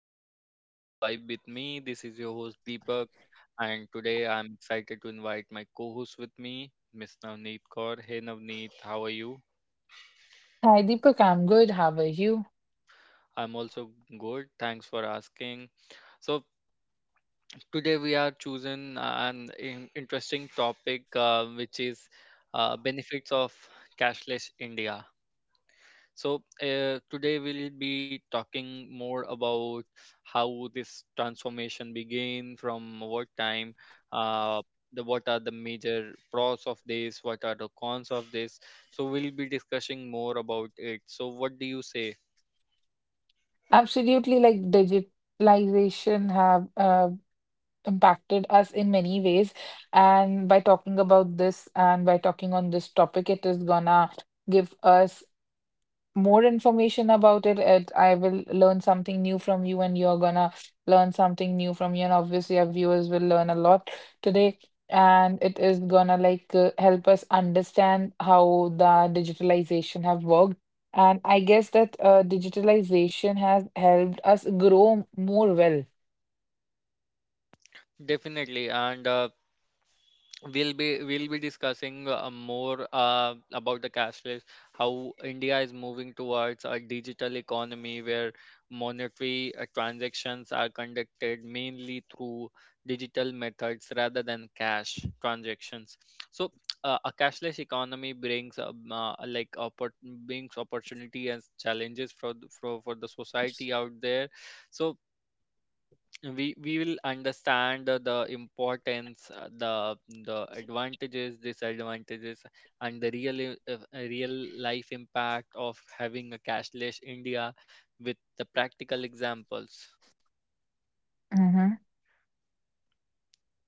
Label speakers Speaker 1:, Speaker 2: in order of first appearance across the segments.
Speaker 1: to our channel Vibe with me. This is your host Deepak and today I'm excited to invite my co-host with me, Miss Navneet Kaur. Hey Navneet, how are you?
Speaker 2: Hi, Deepak. I'm good. How are you?
Speaker 1: I'm also good. Thanks for asking. So, today we are choosing an interesting topic, which is, benefits of cashless India. So, today we'll be talking more about how this transformation began from what time. Uh, what are the major pros of this? What are the cons of this? So we'll be discussing more about it. So what do you say?
Speaker 2: Absolutely, like digitalization have impacted us in many ways. And by talking about this and by talking on this topic, it is gonna give us more information about it, and I will learn something new from you, and you're gonna learn something new from you, and obviously our viewers will learn a lot today, and it is gonna like help us understand how the digitalization have worked. And I guess that digitalization has helped us grow more well.
Speaker 1: Definitely, and we'll be discussing, more, about the cashless, how India is moving towards a digital economy where monetary transactions are conducted mainly through digital methods rather than cash transactions. So a cashless economy brings, like, brings opportunity and challenges for, for the society out there. So we will understand the importance, the advantages, disadvantages, and the real, real life impact of having a cashless India with the practical examples.
Speaker 2: Mm-hmm.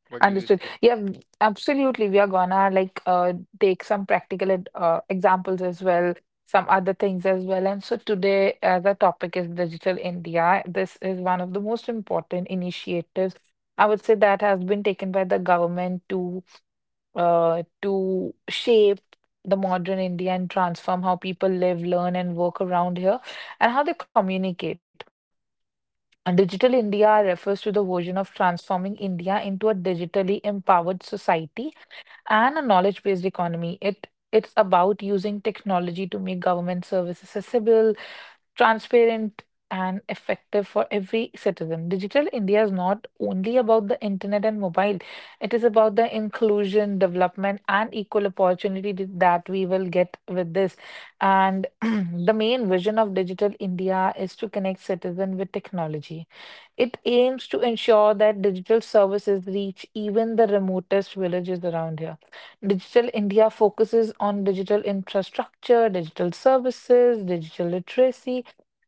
Speaker 1: What do you
Speaker 2: Understood.
Speaker 1: say?
Speaker 2: Yeah, absolutely. We are gonna like take some practical examples as well, some other things as well. And so today, the topic is Digital India. This is one of the most important initiatives, I would say, that has been taken by the government to shape the modern India and transform how people live, learn, and work around here, and how they communicate. And Digital India refers to the vision of transforming India into a digitally empowered society and a knowledge-based economy. It's about using technology to make government services accessible, transparent, and effective for every citizen. Digital India is not only about the internet and mobile. It is about the inclusion, development, and equal opportunity that we will get with this. And the main vision of Digital India is to connect citizen with technology. It aims to ensure that digital services reach even the remotest villages around here. Digital India focuses on digital infrastructure, digital services, digital literacy.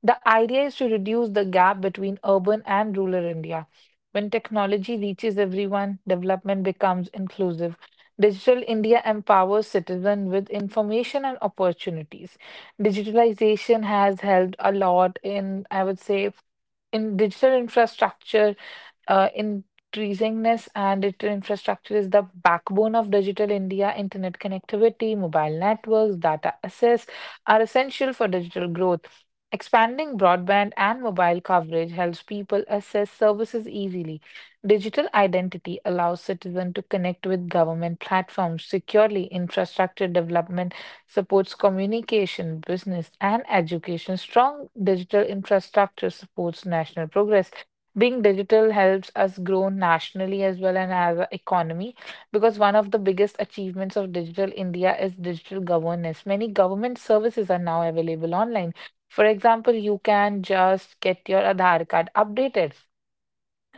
Speaker 2: The idea is to reduce the gap between urban and rural India. When technology reaches everyone, development becomes inclusive. Digital India empowers citizens with information and opportunities. Digitalization has helped a lot in, I would say, in digital infrastructure, increasingness. And digital infrastructure is the backbone of digital India. Internet connectivity, mobile networks, data access are essential for digital growth. Expanding broadband and mobile coverage helps people access services easily. Digital identity allows citizens to connect with government platforms securely. Infrastructure development supports communication, business, and education. Strong digital infrastructure supports national progress. Being digital helps us grow nationally as well and as an economy, because one of the biggest achievements of digital India is digital governance. Many government services are now available online. For example, you can just get your Aadhaar card updated,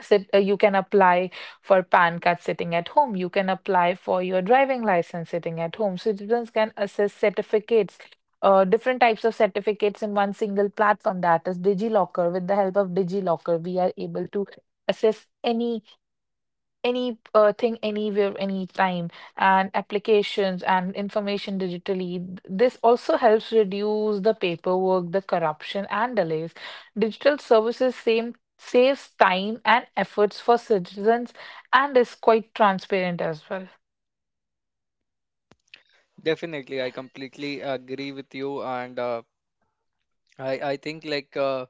Speaker 2: sit you can apply for PAN card sitting at home, you can apply for your driving license sitting at home. Citizens can access certificates, different types of certificates in one single platform, that is DigiLocker. With the help of DigiLocker, we are able to access any thing anywhere anytime, and applications and information digitally. This also helps reduce the paperwork, the corruption, and delays. Digital services same saves time and efforts for citizens, and is quite transparent as well.
Speaker 1: Definitely, I completely agree with you. And I think, like,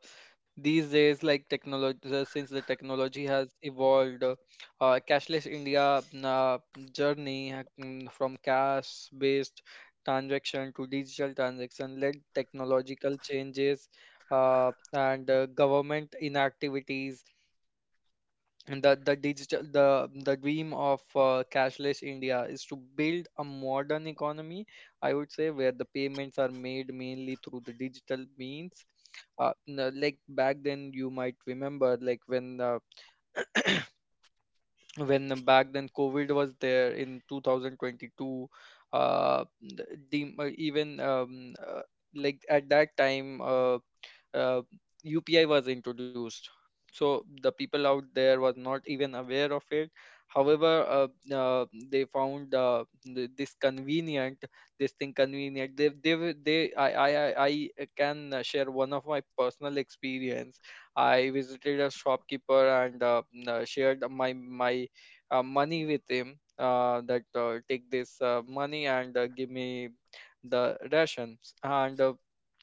Speaker 1: these days, like, technology, since the technology has evolved, cashless India journey, from cash based transaction to digital transaction, led technological changes, and government inactivities. And the digital, the dream of, cashless India is to build a modern economy, I would say, where the payments are made mainly through the digital means. Like back then, you might remember, like when back then COVID was there in 2022. Uh, the, the- even Like at that time, uh, UPI was introduced. So the people out there was not even aware of it. However, uh, they found, this convenient, this thing convenient. They, were- they, I can, share one of my personal experience. I visited a shopkeeper and, shared my money with him. That, take this, money and, give me the rations. And,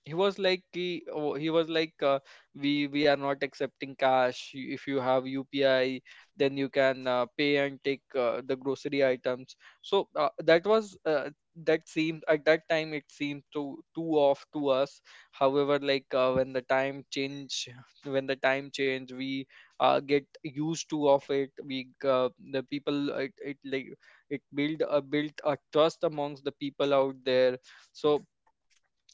Speaker 1: he was like, he was like, we are not accepting cash. If you have UPI, then you can, pay and take, the grocery items. So, that, seemed, at that time it seemed too too off to us. However, like, when the time change, when the time change, we, get used to of it. We uh, the people it, it like it build a built a trust amongst the people out there. So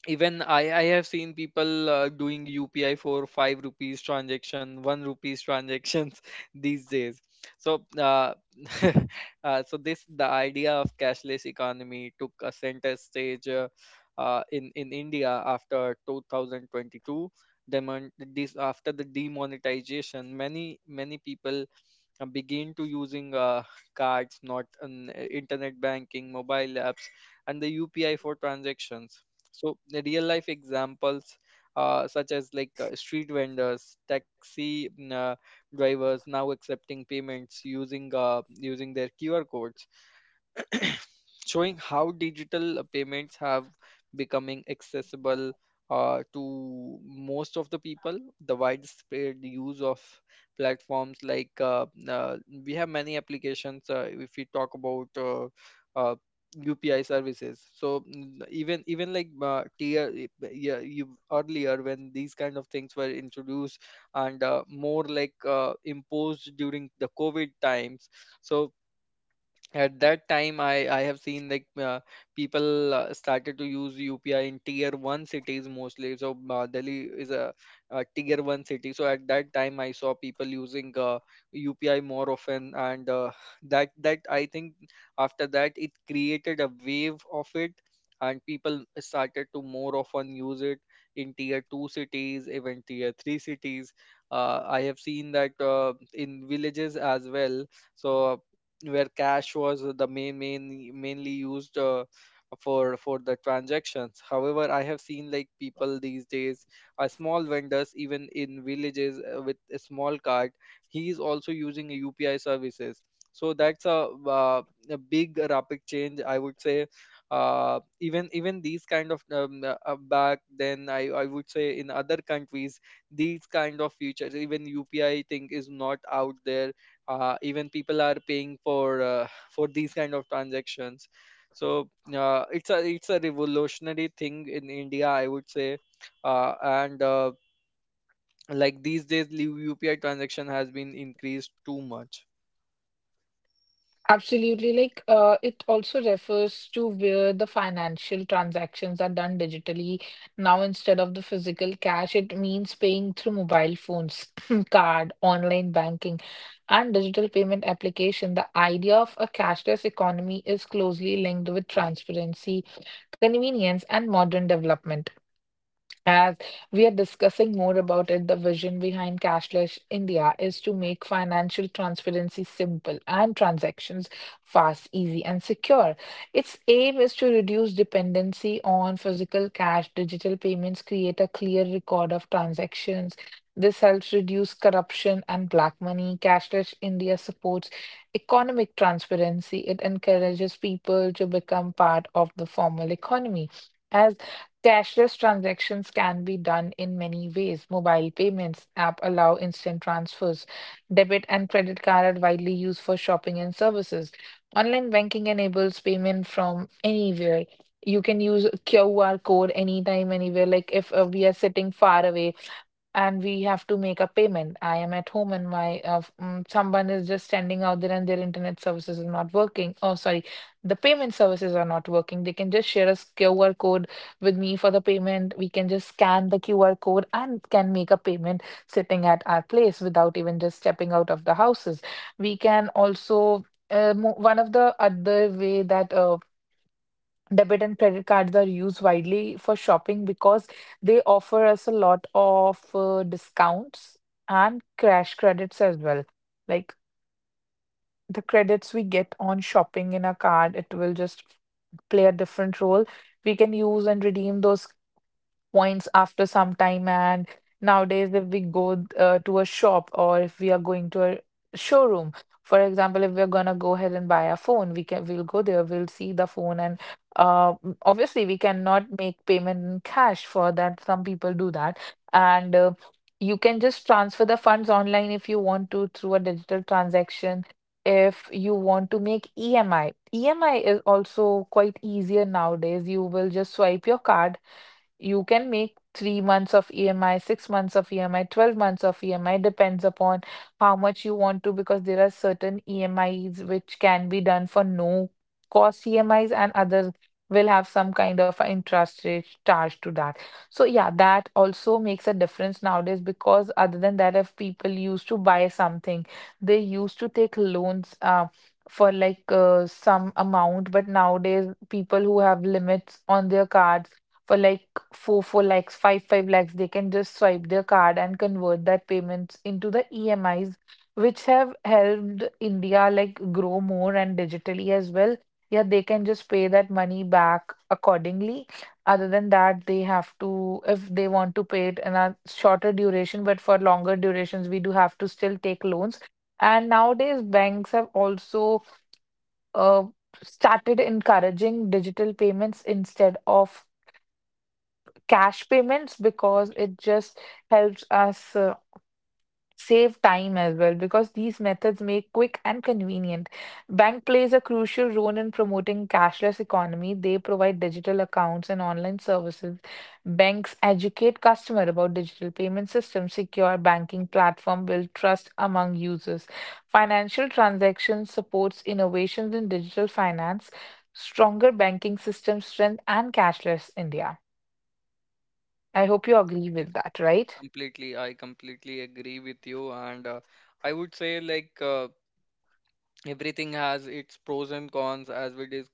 Speaker 1: even I have seen people, doing UPI for 5 rupees transaction, 1 rupees transactions these days. so uh, so this, the idea of cashless economy took a center stage, in India after 2022. Demon- this, after the demonetization, many people, begin to using, cards, not an internet banking, mobile apps, and the UPI for transactions. So the real life examples, such as, like, street vendors, taxi, drivers now accepting payments using, using their QR codes, showing how digital payments have becoming accessible to most of the people. The widespread use of platforms like, we have many applications. If we talk about, uh, UPI services. So, even like, yeah, you earlier when these kind of things were introduced and, more like, imposed during the COVID times. So at that time I have seen, like, people, started to use UPI in tier 1 cities mostly. So, Delhi is a tier 1 city, so at that time I saw people using, UPI more often. And, that I think after that it created a wave of it, and people started to more often use it in tier 2 cities, even tier 3 cities. I have seen that, in villages as well. So where cash was the mainly used, for the transactions, however, I have seen, like, people these days, small vendors even in villages, with a small cart, he is also using a UPI services. So that's a big rapid change, I would say. Even these kind of, back then, I would say, in other countries, these kind of features, even UPI thing is not out there. Even people are paying for, for these kind of transactions. So, it's a, it's a revolutionary thing in India, I would say. Uh, and Like these days the UPI transaction has been increased too much.
Speaker 2: Absolutely. Like, it also refers to where the financial transactions are done digitally now, instead of the physical cash. It means paying through mobile phones, card, online banking, and digital payment application. The idea of a cashless economy is closely linked with transparency, convenience, and modern development. As we are discussing more about it, the vision behind Cashless India is to make financial transparency simple, and transactions fast, easy, and secure. Its aim is to reduce dependency on physical cash. Digital payments create a clear record of transactions. This helps reduce corruption and black money. Cashless India supports economic transparency. It encourages people to become part of the formal economy. As cashless transactions can be done in many ways. Mobile payments app allow instant transfers. Debit and credit card are widely used for shopping and services. Online banking enables payment from anywhere. You can use QR code anytime, anywhere. Like if we are sitting far away and we have to make a payment. I am at home and my someone is just standing out there and their internet services are not working. Oh, sorry, the payment services are not working. They can just share a QR code with me for the payment. We can just scan the QR code and can make a payment sitting at our place, without even just stepping out of the houses. We can also one of the other way that debit and credit cards are used widely for shopping, because they offer us a lot of discounts and cash credits as well. Like the credits we get on shopping in a card, it will just play a different role. We can use and redeem those points after some time. And nowadays, if we go to a shop, or if we are going to a showroom, for example, if we're gonna go ahead and buy a phone, we'll go there, we'll see the phone, and obviously we cannot make payment in cash for that. Some people do that, and you can just transfer the funds online if you want to, through a digital transaction. If you want to make EMI, EMI is also quite easier nowadays. You will just swipe your card, you can make 3 months of EMI, 6 months of EMI, 12 months of EMI, depends upon how much you want to, because there are certain EMIs which can be done for no cost EMIs, and others will have some kind of a interest rate charged to that. So, yeah, that also makes a difference nowadays, because other than that, if people used to buy something, they used to take loans. For like some amount. But nowadays people who have limits on their cards for like 4 lakhs, 5 lakhs, they can just swipe their card and convert that payments into the EMIs, which have helped India like grow more and digitally as well. Yeah, they can just pay that money back accordingly. Other than that, they have to, if they want to pay it in a shorter duration. But for longer durations, we do have to still take loans. And nowadays banks have also uh, started encouraging digital payments instead of cash payments, because it just helps us save time as well, because these methods make quick and convenient. Bank plays a crucial role in promoting cashless economy. They provide digital accounts and online services. Banks educate customer about digital payment systems, secure banking platform, build trust among users. Financial transactions supports innovations in digital finance, stronger banking system strength and cashless India. I hope you agree with
Speaker 1: Def-
Speaker 2: that, right?
Speaker 1: Completely, I completely agree with you. And, I would say, like, everything has its pros and cons.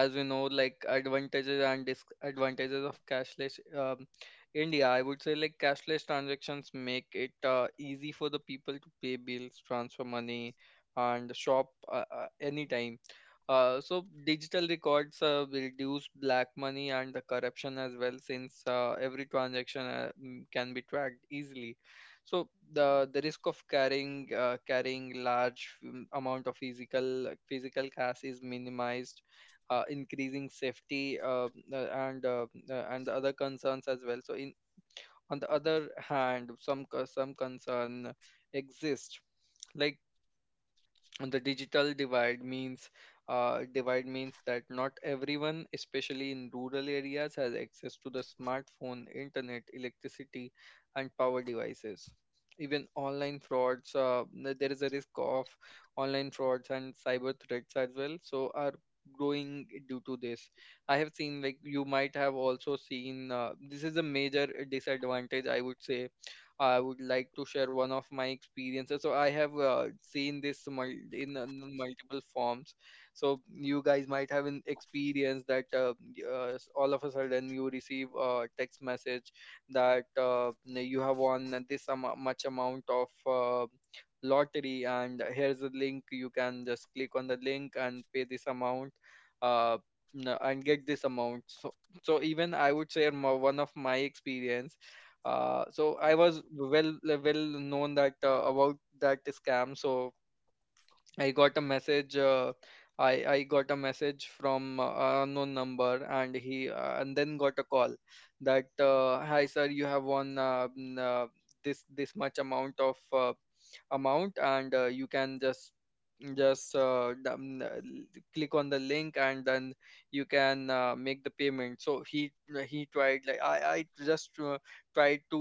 Speaker 1: As we know, like, advantages and disadvantages of cashless, India. I would say, like, cashless transactions make it, easy for the people to pay bills, transfer money, and shop, anytime. So digital records will reduce black money and the corruption as well, since, every transaction, can be tracked easily. So the risk of carrying, carrying large, amount of physical cash is minimized, increasing safety, and the other concerns as well. So, in on the other hand, some concern exist, like, and the digital divide means, divide means that not everyone, especially in rural areas, has access to the smartphone, internet, electricity, and power devices. Even online frauds, there is a risk of online frauds and cyber threats as well. So are growing due to this. I have seen, like, you might have also seen, this is a major disadvantage, I would say. I would like to share one of my experiences. So I have, seen this, mul- in multiple forms. So you guys might have an experience that, all of a sudden you receive a text message that, you have won this, much amount of, lottery, and here's a link. You can just click on the link and pay this amount. Uh, and get this amount. So, so even I would share my, one of my experience. So I was well known that, about that scam. So I got a message. I got a message from, unknown number, and he, and then got a call that, hi sir, you have won, this much amount of, amount, and, you can just click on the link and then you can, make the payment. So he tried, like, I just, tried to,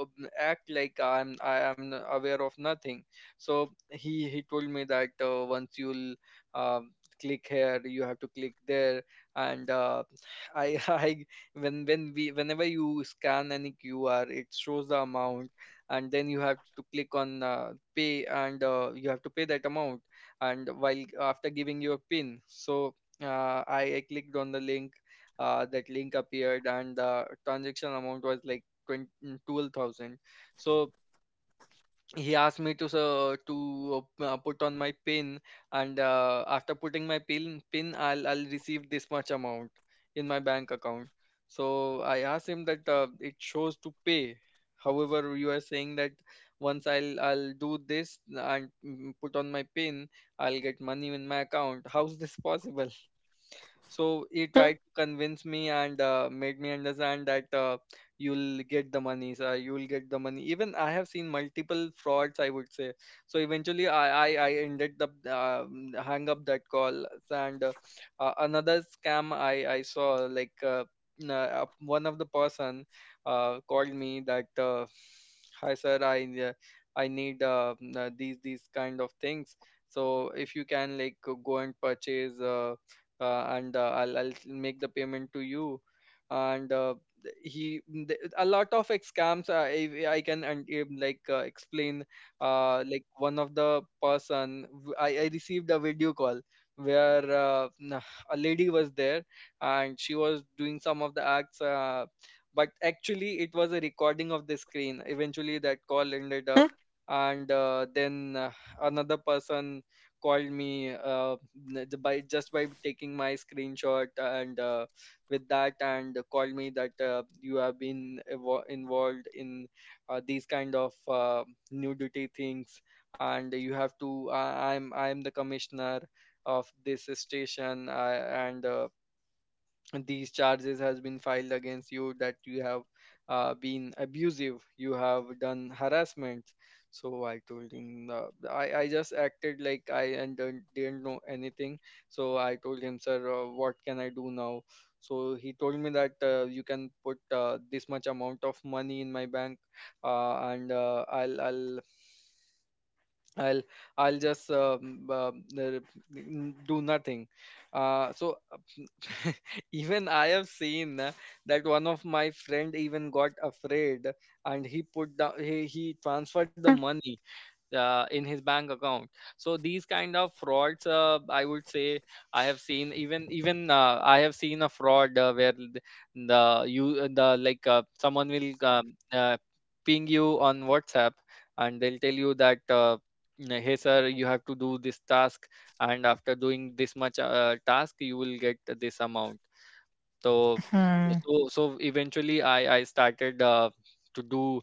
Speaker 1: act like I am aware of nothing. So he told me that, once you'll, um, click here, you have to click there. And, I when we whenever you scan any QR, it shows the amount, and then you have to click on, pay, and, you have to pay that amount, and while after giving your pin. So, I clicked on the link. That link appeared and the transaction amount was like 20 12,000. So he asked me to, put on my pin, and, after putting my pin I'll, receive this much amount in my bank account. So I asked him that, it shows to pay, however you are saying that once I'll do this and, put on my pin, I'll get money in my account. How's this possible? So he tried to convince me and, made me understand that, you'll get the money, sir. You'll get the money. Even I have seen multiple frauds, I would say. So eventually, I ended up, hang up that call. And, another scam I saw, like, one of the person, called me that, hi sir, I, I need, these kind of things. So if you can, like, go and purchase. And I'll make the payment to you and th- he a lot of scams, I can and like explain. Like one of the person, I received a video call where, a lady was there and she was doing some of the acts, but actually it was a recording of the screen. Eventually that call ended
Speaker 2: Mhm.
Speaker 1: up, and then another person called me, by just by taking my screenshot, and with that, and called me that you have been involved in these kind of nudity things and you have to, I'm the commissioner of this station, and these charges has been filed against you, that you have been abusive, you have done harassment. So I told him, I just acted like I and didn't know anything. So I told him, sir, what can I do now? So he told me that, you can put this much amount of money in my bank, uh, and uh, i'll i'll I'll I'll just do nothing. So even I have seen, that one of my friend even got afraid and he put down he transferred the money in his bank account. So these kind of frauds, I would say, I have seen. Even even I have seen a fraud where the you the like someone will, ping you on WhatsApp and they'll tell you that, hey sir, you have to do this task, and after doing this much task you will get this amount. So so so eventually I started, to do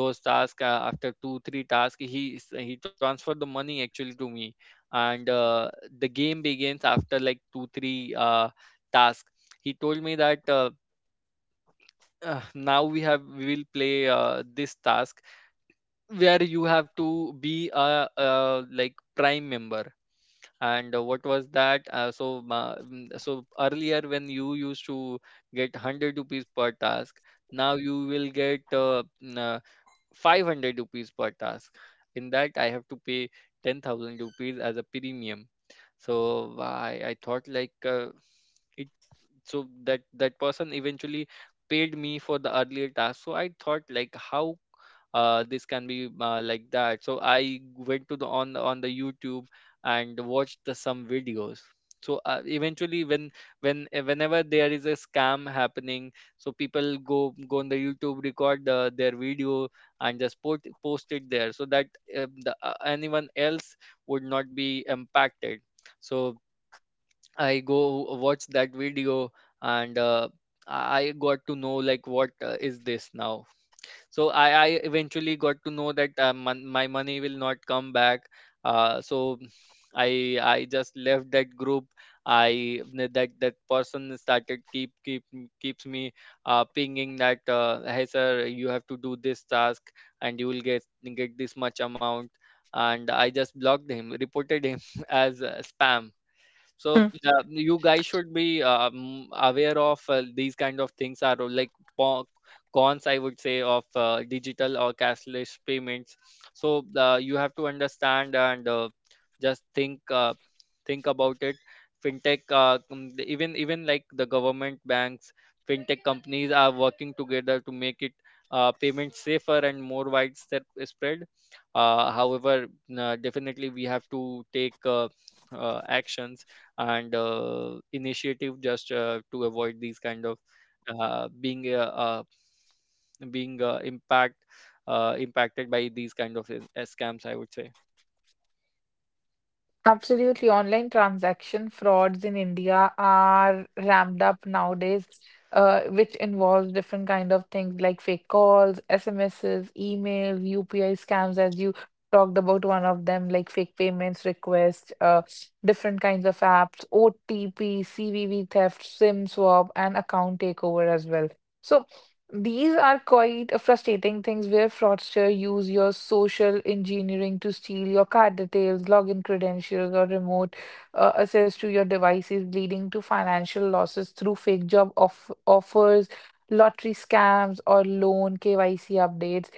Speaker 1: those tasks. After 2 3 tasks he transferred the money actually to me. And the game begins after like two three tasks. He told me that, now we have we will play this task where you have to be a like prime member. And what was that so ma- mm, so earlier when you used to get 100 rupees per task, now you will get 500 rupees per task. In that I have to pay 10,000 rupees as a premium. So I thought like, it so that that person eventually paid me for the earlier task, so I thought like, how this can be, like that so I went to the on the YouTube and watched some videos. So, eventually when, whenever there is a scam happening, so people go on the YouTube, record their video and just post it there, so that anyone else would not be impacted. So I go watch that video, and I got to know like what is this now. So I eventually got to know that, my money will not come back. So I just left that group. I that That person started keep keep keeps me, pinging that, hey sir, you have to do this task and you will get this much amount. And I just blocked him, reported him as spam. So,
Speaker 2: Mhm.
Speaker 1: you guys should be, aware of, these kind of things are, like po- cons, I would say, of digital or cashless payments. So, you have to understand, and just think about it. Fintech, even like the government banks, fintech companies are working together to make it, payment safer and more widespread spread. However, definitely we have to take, actions and initiative, just to avoid these kind of, being being impact impacted by these kind of, scams, I would say.
Speaker 2: Absolutely. Online transaction frauds in India are ramped up nowadays, which involves different kind of things like fake calls, SMSs, email, UPI scams, as you talked about one of them, like fake payments requests, different kinds of apps, OTP, CVV theft, SIM swap, and account takeover as well. So these are quite a frustrating things where fraudsters use your social engineering to steal your card details, login credentials, or remote access to your devices, leading to financial losses through fake job off offers, lottery scams, or loan KYC updates.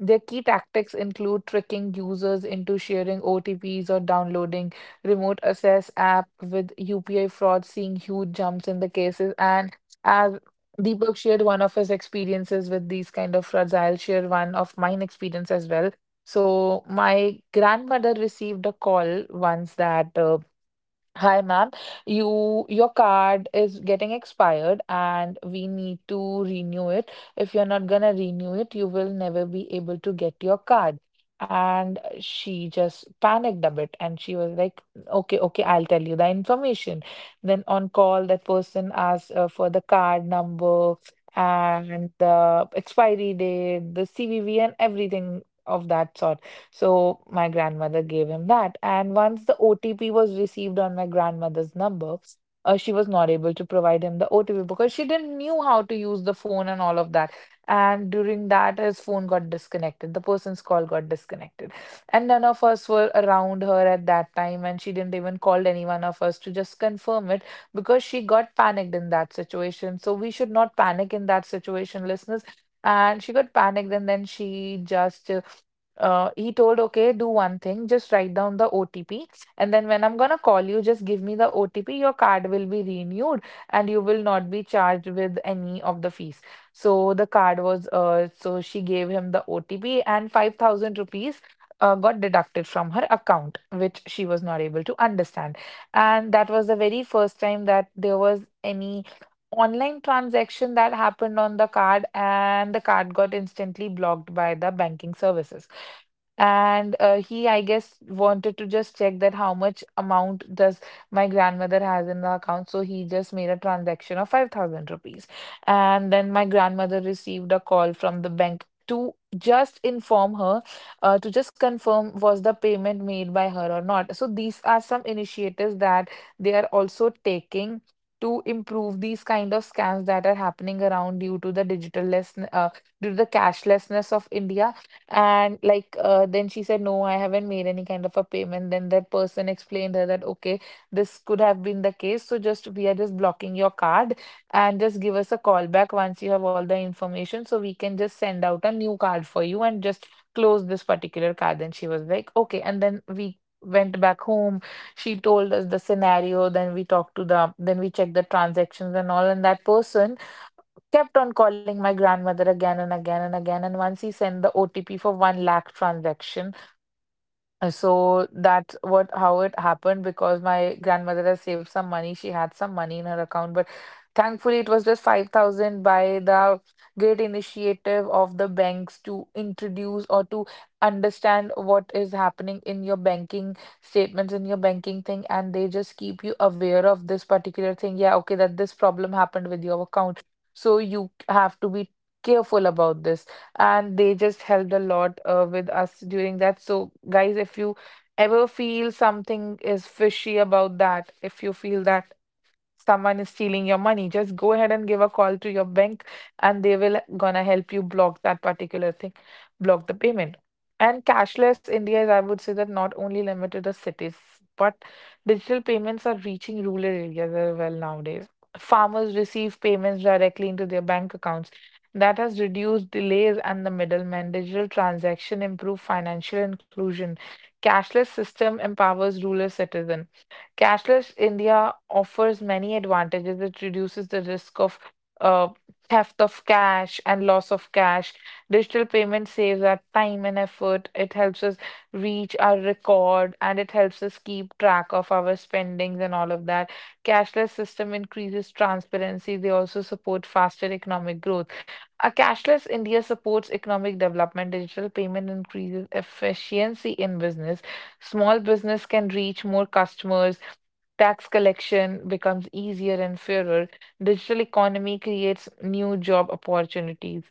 Speaker 2: Their key tactics include tricking users into sharing OTPs or downloading remote access app with UPI fraud, seeing huge jumps in the cases. And as Deepak shared one of his experiences with these kind of frauds, I'll share one of mine experience as well. So my grandmother received a call once that hi, ma'am, your card is getting expired and we need to renew it. If you're not gonna renew it, you will never be able to get your card. And she just panicked a bit and she was like, okay, okay, I'll tell you the information. Then on call, that person asked for the card number and the expiry date, the CVV, and everything of that sort. So my grandmother gave him that. And once the OTP was received on my grandmother's number, she was not able to provide him the OTP because she didn't knew how to use the phone and all of that. And during that, his phone got disconnected. The person's call got disconnected. And none of us were around her at that time. And she didn't even call any one of us to just confirm it, because she got panicked in that situation. So we should not panic in that situation, listeners. And she got panicked, and then she just he told, okay, do one thing, just write down the OTP. And then when I'm gonna call you, just give me the OTP. Your card will be renewed and you will not be charged with any of the fees. So the card was, so she gave him the OTP and 5,000 rupees. Got deducted from her account, which she was not able to understand. And that was the very first time that there was any online transaction that happened on the card, and the card got instantly blocked by the banking services. And he, I guess, wanted to just check that how much amount does my grandmother has in the account, so he just made a transaction of 5000 rupees. And then my grandmother received a call from the bank to just inform her, to just confirm was the payment made by her or not. So these are some initiatives that they are also taking to improve these kind of scams that are happening around due to the digitalless due to the cashlessness of India. And like, then she said, no, I haven't made any kind of a payment. Then that person explained her that, okay, this could have been the case. So just we are just blocking your card and just give us a call back once you have all the information, so we can just send out a new card for you and just close this particular card. Then she was like, okay. And then we went back home, she told us the scenario. Then we talked to the then we checked the transactions and all, and that person kept on calling my grandmother again and again and again, and once he sent the OTP for 1 lakh transaction. So that's what how it happened, because my grandmother has saved some money. She had some money in her account, but thankfully it was just 5,000, by the great initiative of the banks to introduce or to understand what is happening in your banking statements, in your banking thing, and they just keep you aware of this particular thing. Yeah, okay, that this problem happened with your account. So you have to be careful about this, and they just helped a lot with us during that. So, guys, if you ever feel something is fishy about that, if you feel that someone is stealing your money, just go ahead and give a call to your bank and they will gonna help you block that particular thing, block the payment. And cashless India is, I would say that, not only limited to cities, but digital payments are reaching rural areas as well nowadays. Farmers receive payments directly into their bank accounts. That has reduced delays and the middlemen. Digital transaction improve financial inclusion. Cashless system empowers rural citizen. Cashless India offers many advantages. It reduces the risk of uh, theft of cash and loss of cash. Digital payment saves our time and effort. It helps us reach our record, and it helps us keep track of our spendings and all of that. Cashless system increases transparency. They also support faster economic growth. A cashless India supports economic development. Digital payment increases efficiency in business. Small business can reach more customers. Tax collection becomes easier and fairer. Digital economy creates new job opportunities.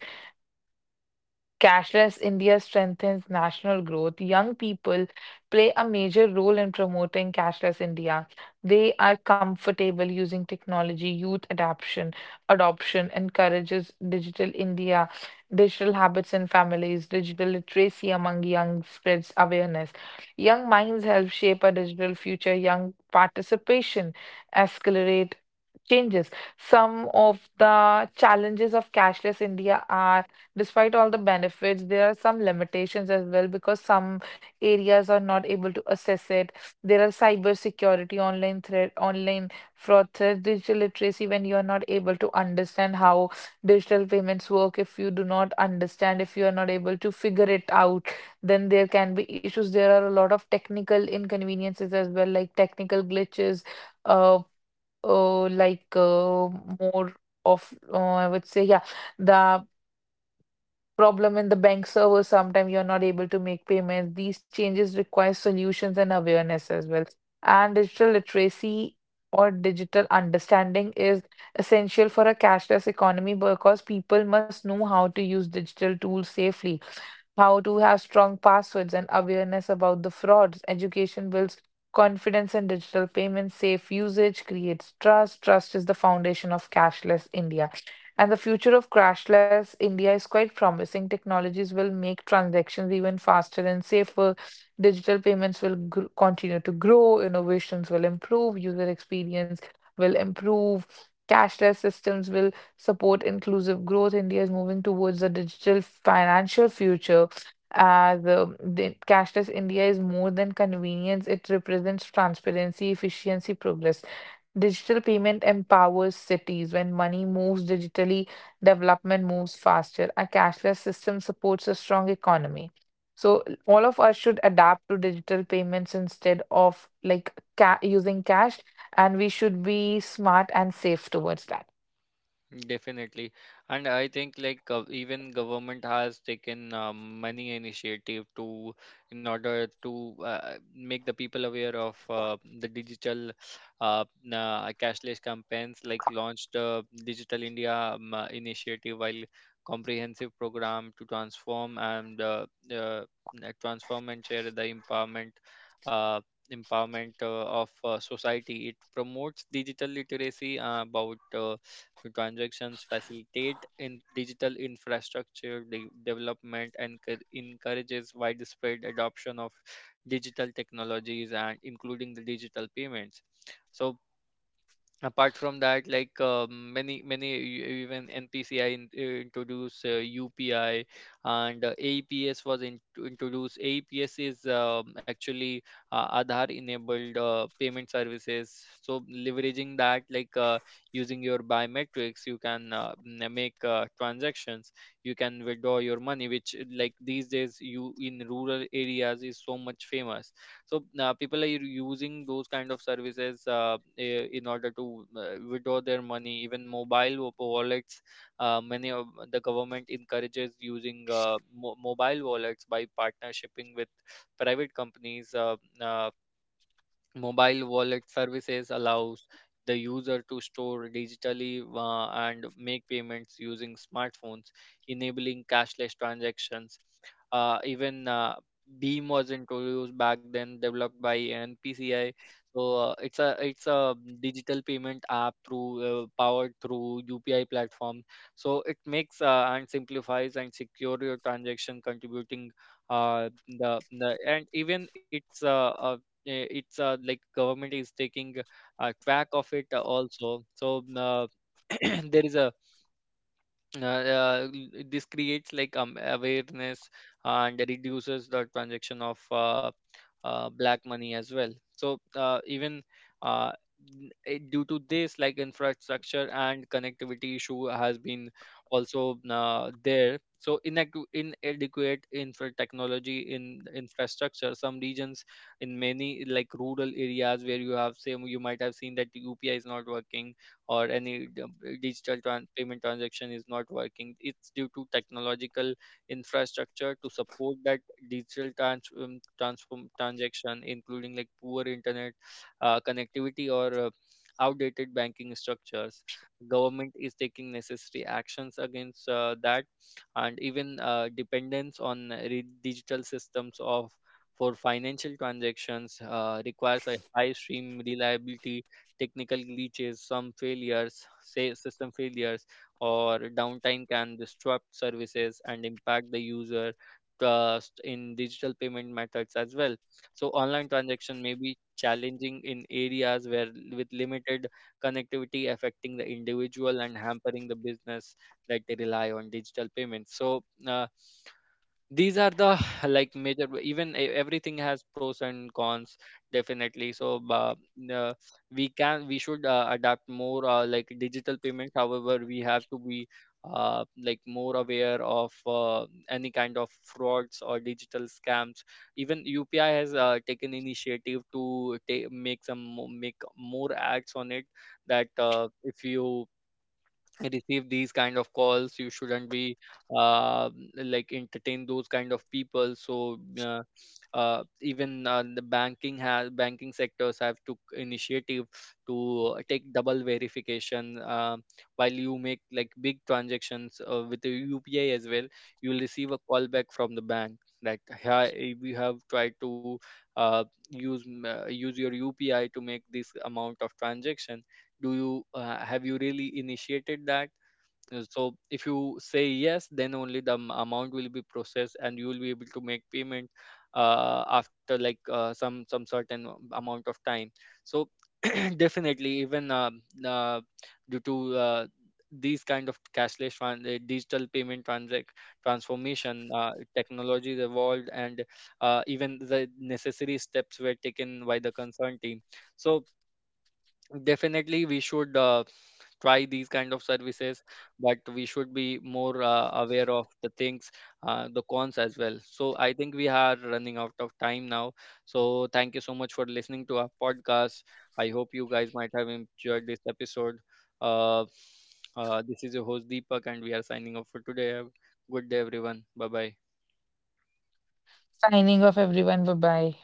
Speaker 2: Cashless India strengthens national growth. Young people play a major role in promoting cashless India. They are comfortable using technology. Adoption encourages digital India, digital habits in families. Digital literacy among young spreads awareness. Young minds help shape a digital future. Young participation accelerate changes. Some of the challenges of cashless India are: despite all the benefits, there are some limitations as well, because some areas are not able to assess it. There are cybersecurity, online threat, online fraud threat, digital literacy, when you are not able to understand how digital payments work. If you do not understand, if you are not able to figure it out, then there can be issues. There are a lot of technical inconveniences as well, like technical glitches, uh, uh like uh, more of, I would say, yeah. The problem in the bank server, sometimes you're not able to make payments. These changes require solutions and awareness as well, and digital literacy or digital understanding is essential for a cashless economy, because people must know how to use digital tools safely, how to have strong passwords and awareness about the frauds. Education builds confidence in digital payments. Safe usage creates trust. Trust is the foundation of cashless India. And the future of crashless India is quite promising. Technologies will make transactions even faster and safer. Digital payments will gr continue to grow. Innovations will improve. User experience will improve. Cashless systems will support inclusive growth. India is moving towards a digital financial future. As The cashless India is more than convenience, it represents transparency, efficiency, progress. Digital payment empowers cities. When money moves digitally, development moves faster. A cashless system supports a strong economy. So all of us should adapt to digital payments instead of like ca using cash, and we should be smart and safe towards that.
Speaker 1: Definitely. And I think like, even government has taken, many initiative to, in order to, make the people aware of, the digital, cashless campaigns. Like launched the Digital India, initiative, while comprehensive program to transform uh, and share the empowerment, uh, of society. It promotes digital literacy, about transactions, facilitate in digital infrastructure development, and encourages widespread adoption of digital technologies and including the digital payments. So, apart from that, like, many, even NPCI in, introduced, UPI, and APS was in, introduced. APS is, actually, Aadhaar enabled, payment services. So leveraging that, like, using your biometrics you can, make, transactions, you can withdraw your money, which, like these days you in rural areas is so much famous. So, people are using those kind of services, in order to, withdraw their money. Even mobile wallets, many of the government encourages using, mobile wallets by partnershiping with private companies. Mobile wallet services allows the user to store digitally, and make payments using smartphones, enabling cashless transactions. Even Beam was introduced back then, developed by NPCI. So, it's a digital payment app through, powered through UPI platform. So it makes and simplifies and secure your transaction, contributing, the and even it's eh, it's like government is taking, track of it also. So, there is a l- this creates like, awareness and reduces the transaction of, black money as well. So, uh, due to this, like, infrastructure and connectivity issue has been also, there. So inadequate infra technology in infrastructure some regions, in many like rural areas where you have same, you might have seen that UPI is not working or any digital payment transaction is not working. It's due to technological infrastructure to support that digital trans- transform transaction, including like poor internet, connectivity, or, outdated banking structures. Government is taking necessary actions against, that. And even, dependence on digital systems of, for financial transactions, requires a high stream reliability. Technical glitches, some failures, say system failures, or downtime can disrupt services and impact the user trust in digital payment methods as well. So online transaction may be challenging in areas where, with limited connectivity, affecting the individual and hampering the business that they rely on digital payments. So, uh, these are the like major, even everything has pros and cons, definitely. So, uh, we can we should, adapt more, like digital payment. However, we have to be, like more aware of, any kind of frauds or digital scams. Even UPI has, taken initiative to make make more acts on it, that, if you receive these kind of calls you shouldn't be, uh, entertain those kind of people. So, even the banking sectors have took initiative to take double verification, while you make like big transactions, with the UPI as well. You will receive a call back from the bank, that hi, we have tried to, uh, use your UPI to make this amount of transaction, do you, have you really initiated that. So if you say yes, then only the amount will be processed and you will be able to make payment, after like, some certain amount of time. So, definitely even uh, due to, uh, these kind of cashless digital payment transformation, technologies evolved, and even the necessary steps were taken by the concerned team. So definitely we should, try these kind of services, but we should be more, aware of the things, the cons as well. So I think we are running out of time now, so thank you so much for listening to our podcast. I hope you guys might have enjoyed this episode. uh, this is your host Deepak, and we are signing off for today. Have a good day everyone, bye bye.
Speaker 2: Signing off, everyone. Bye bye.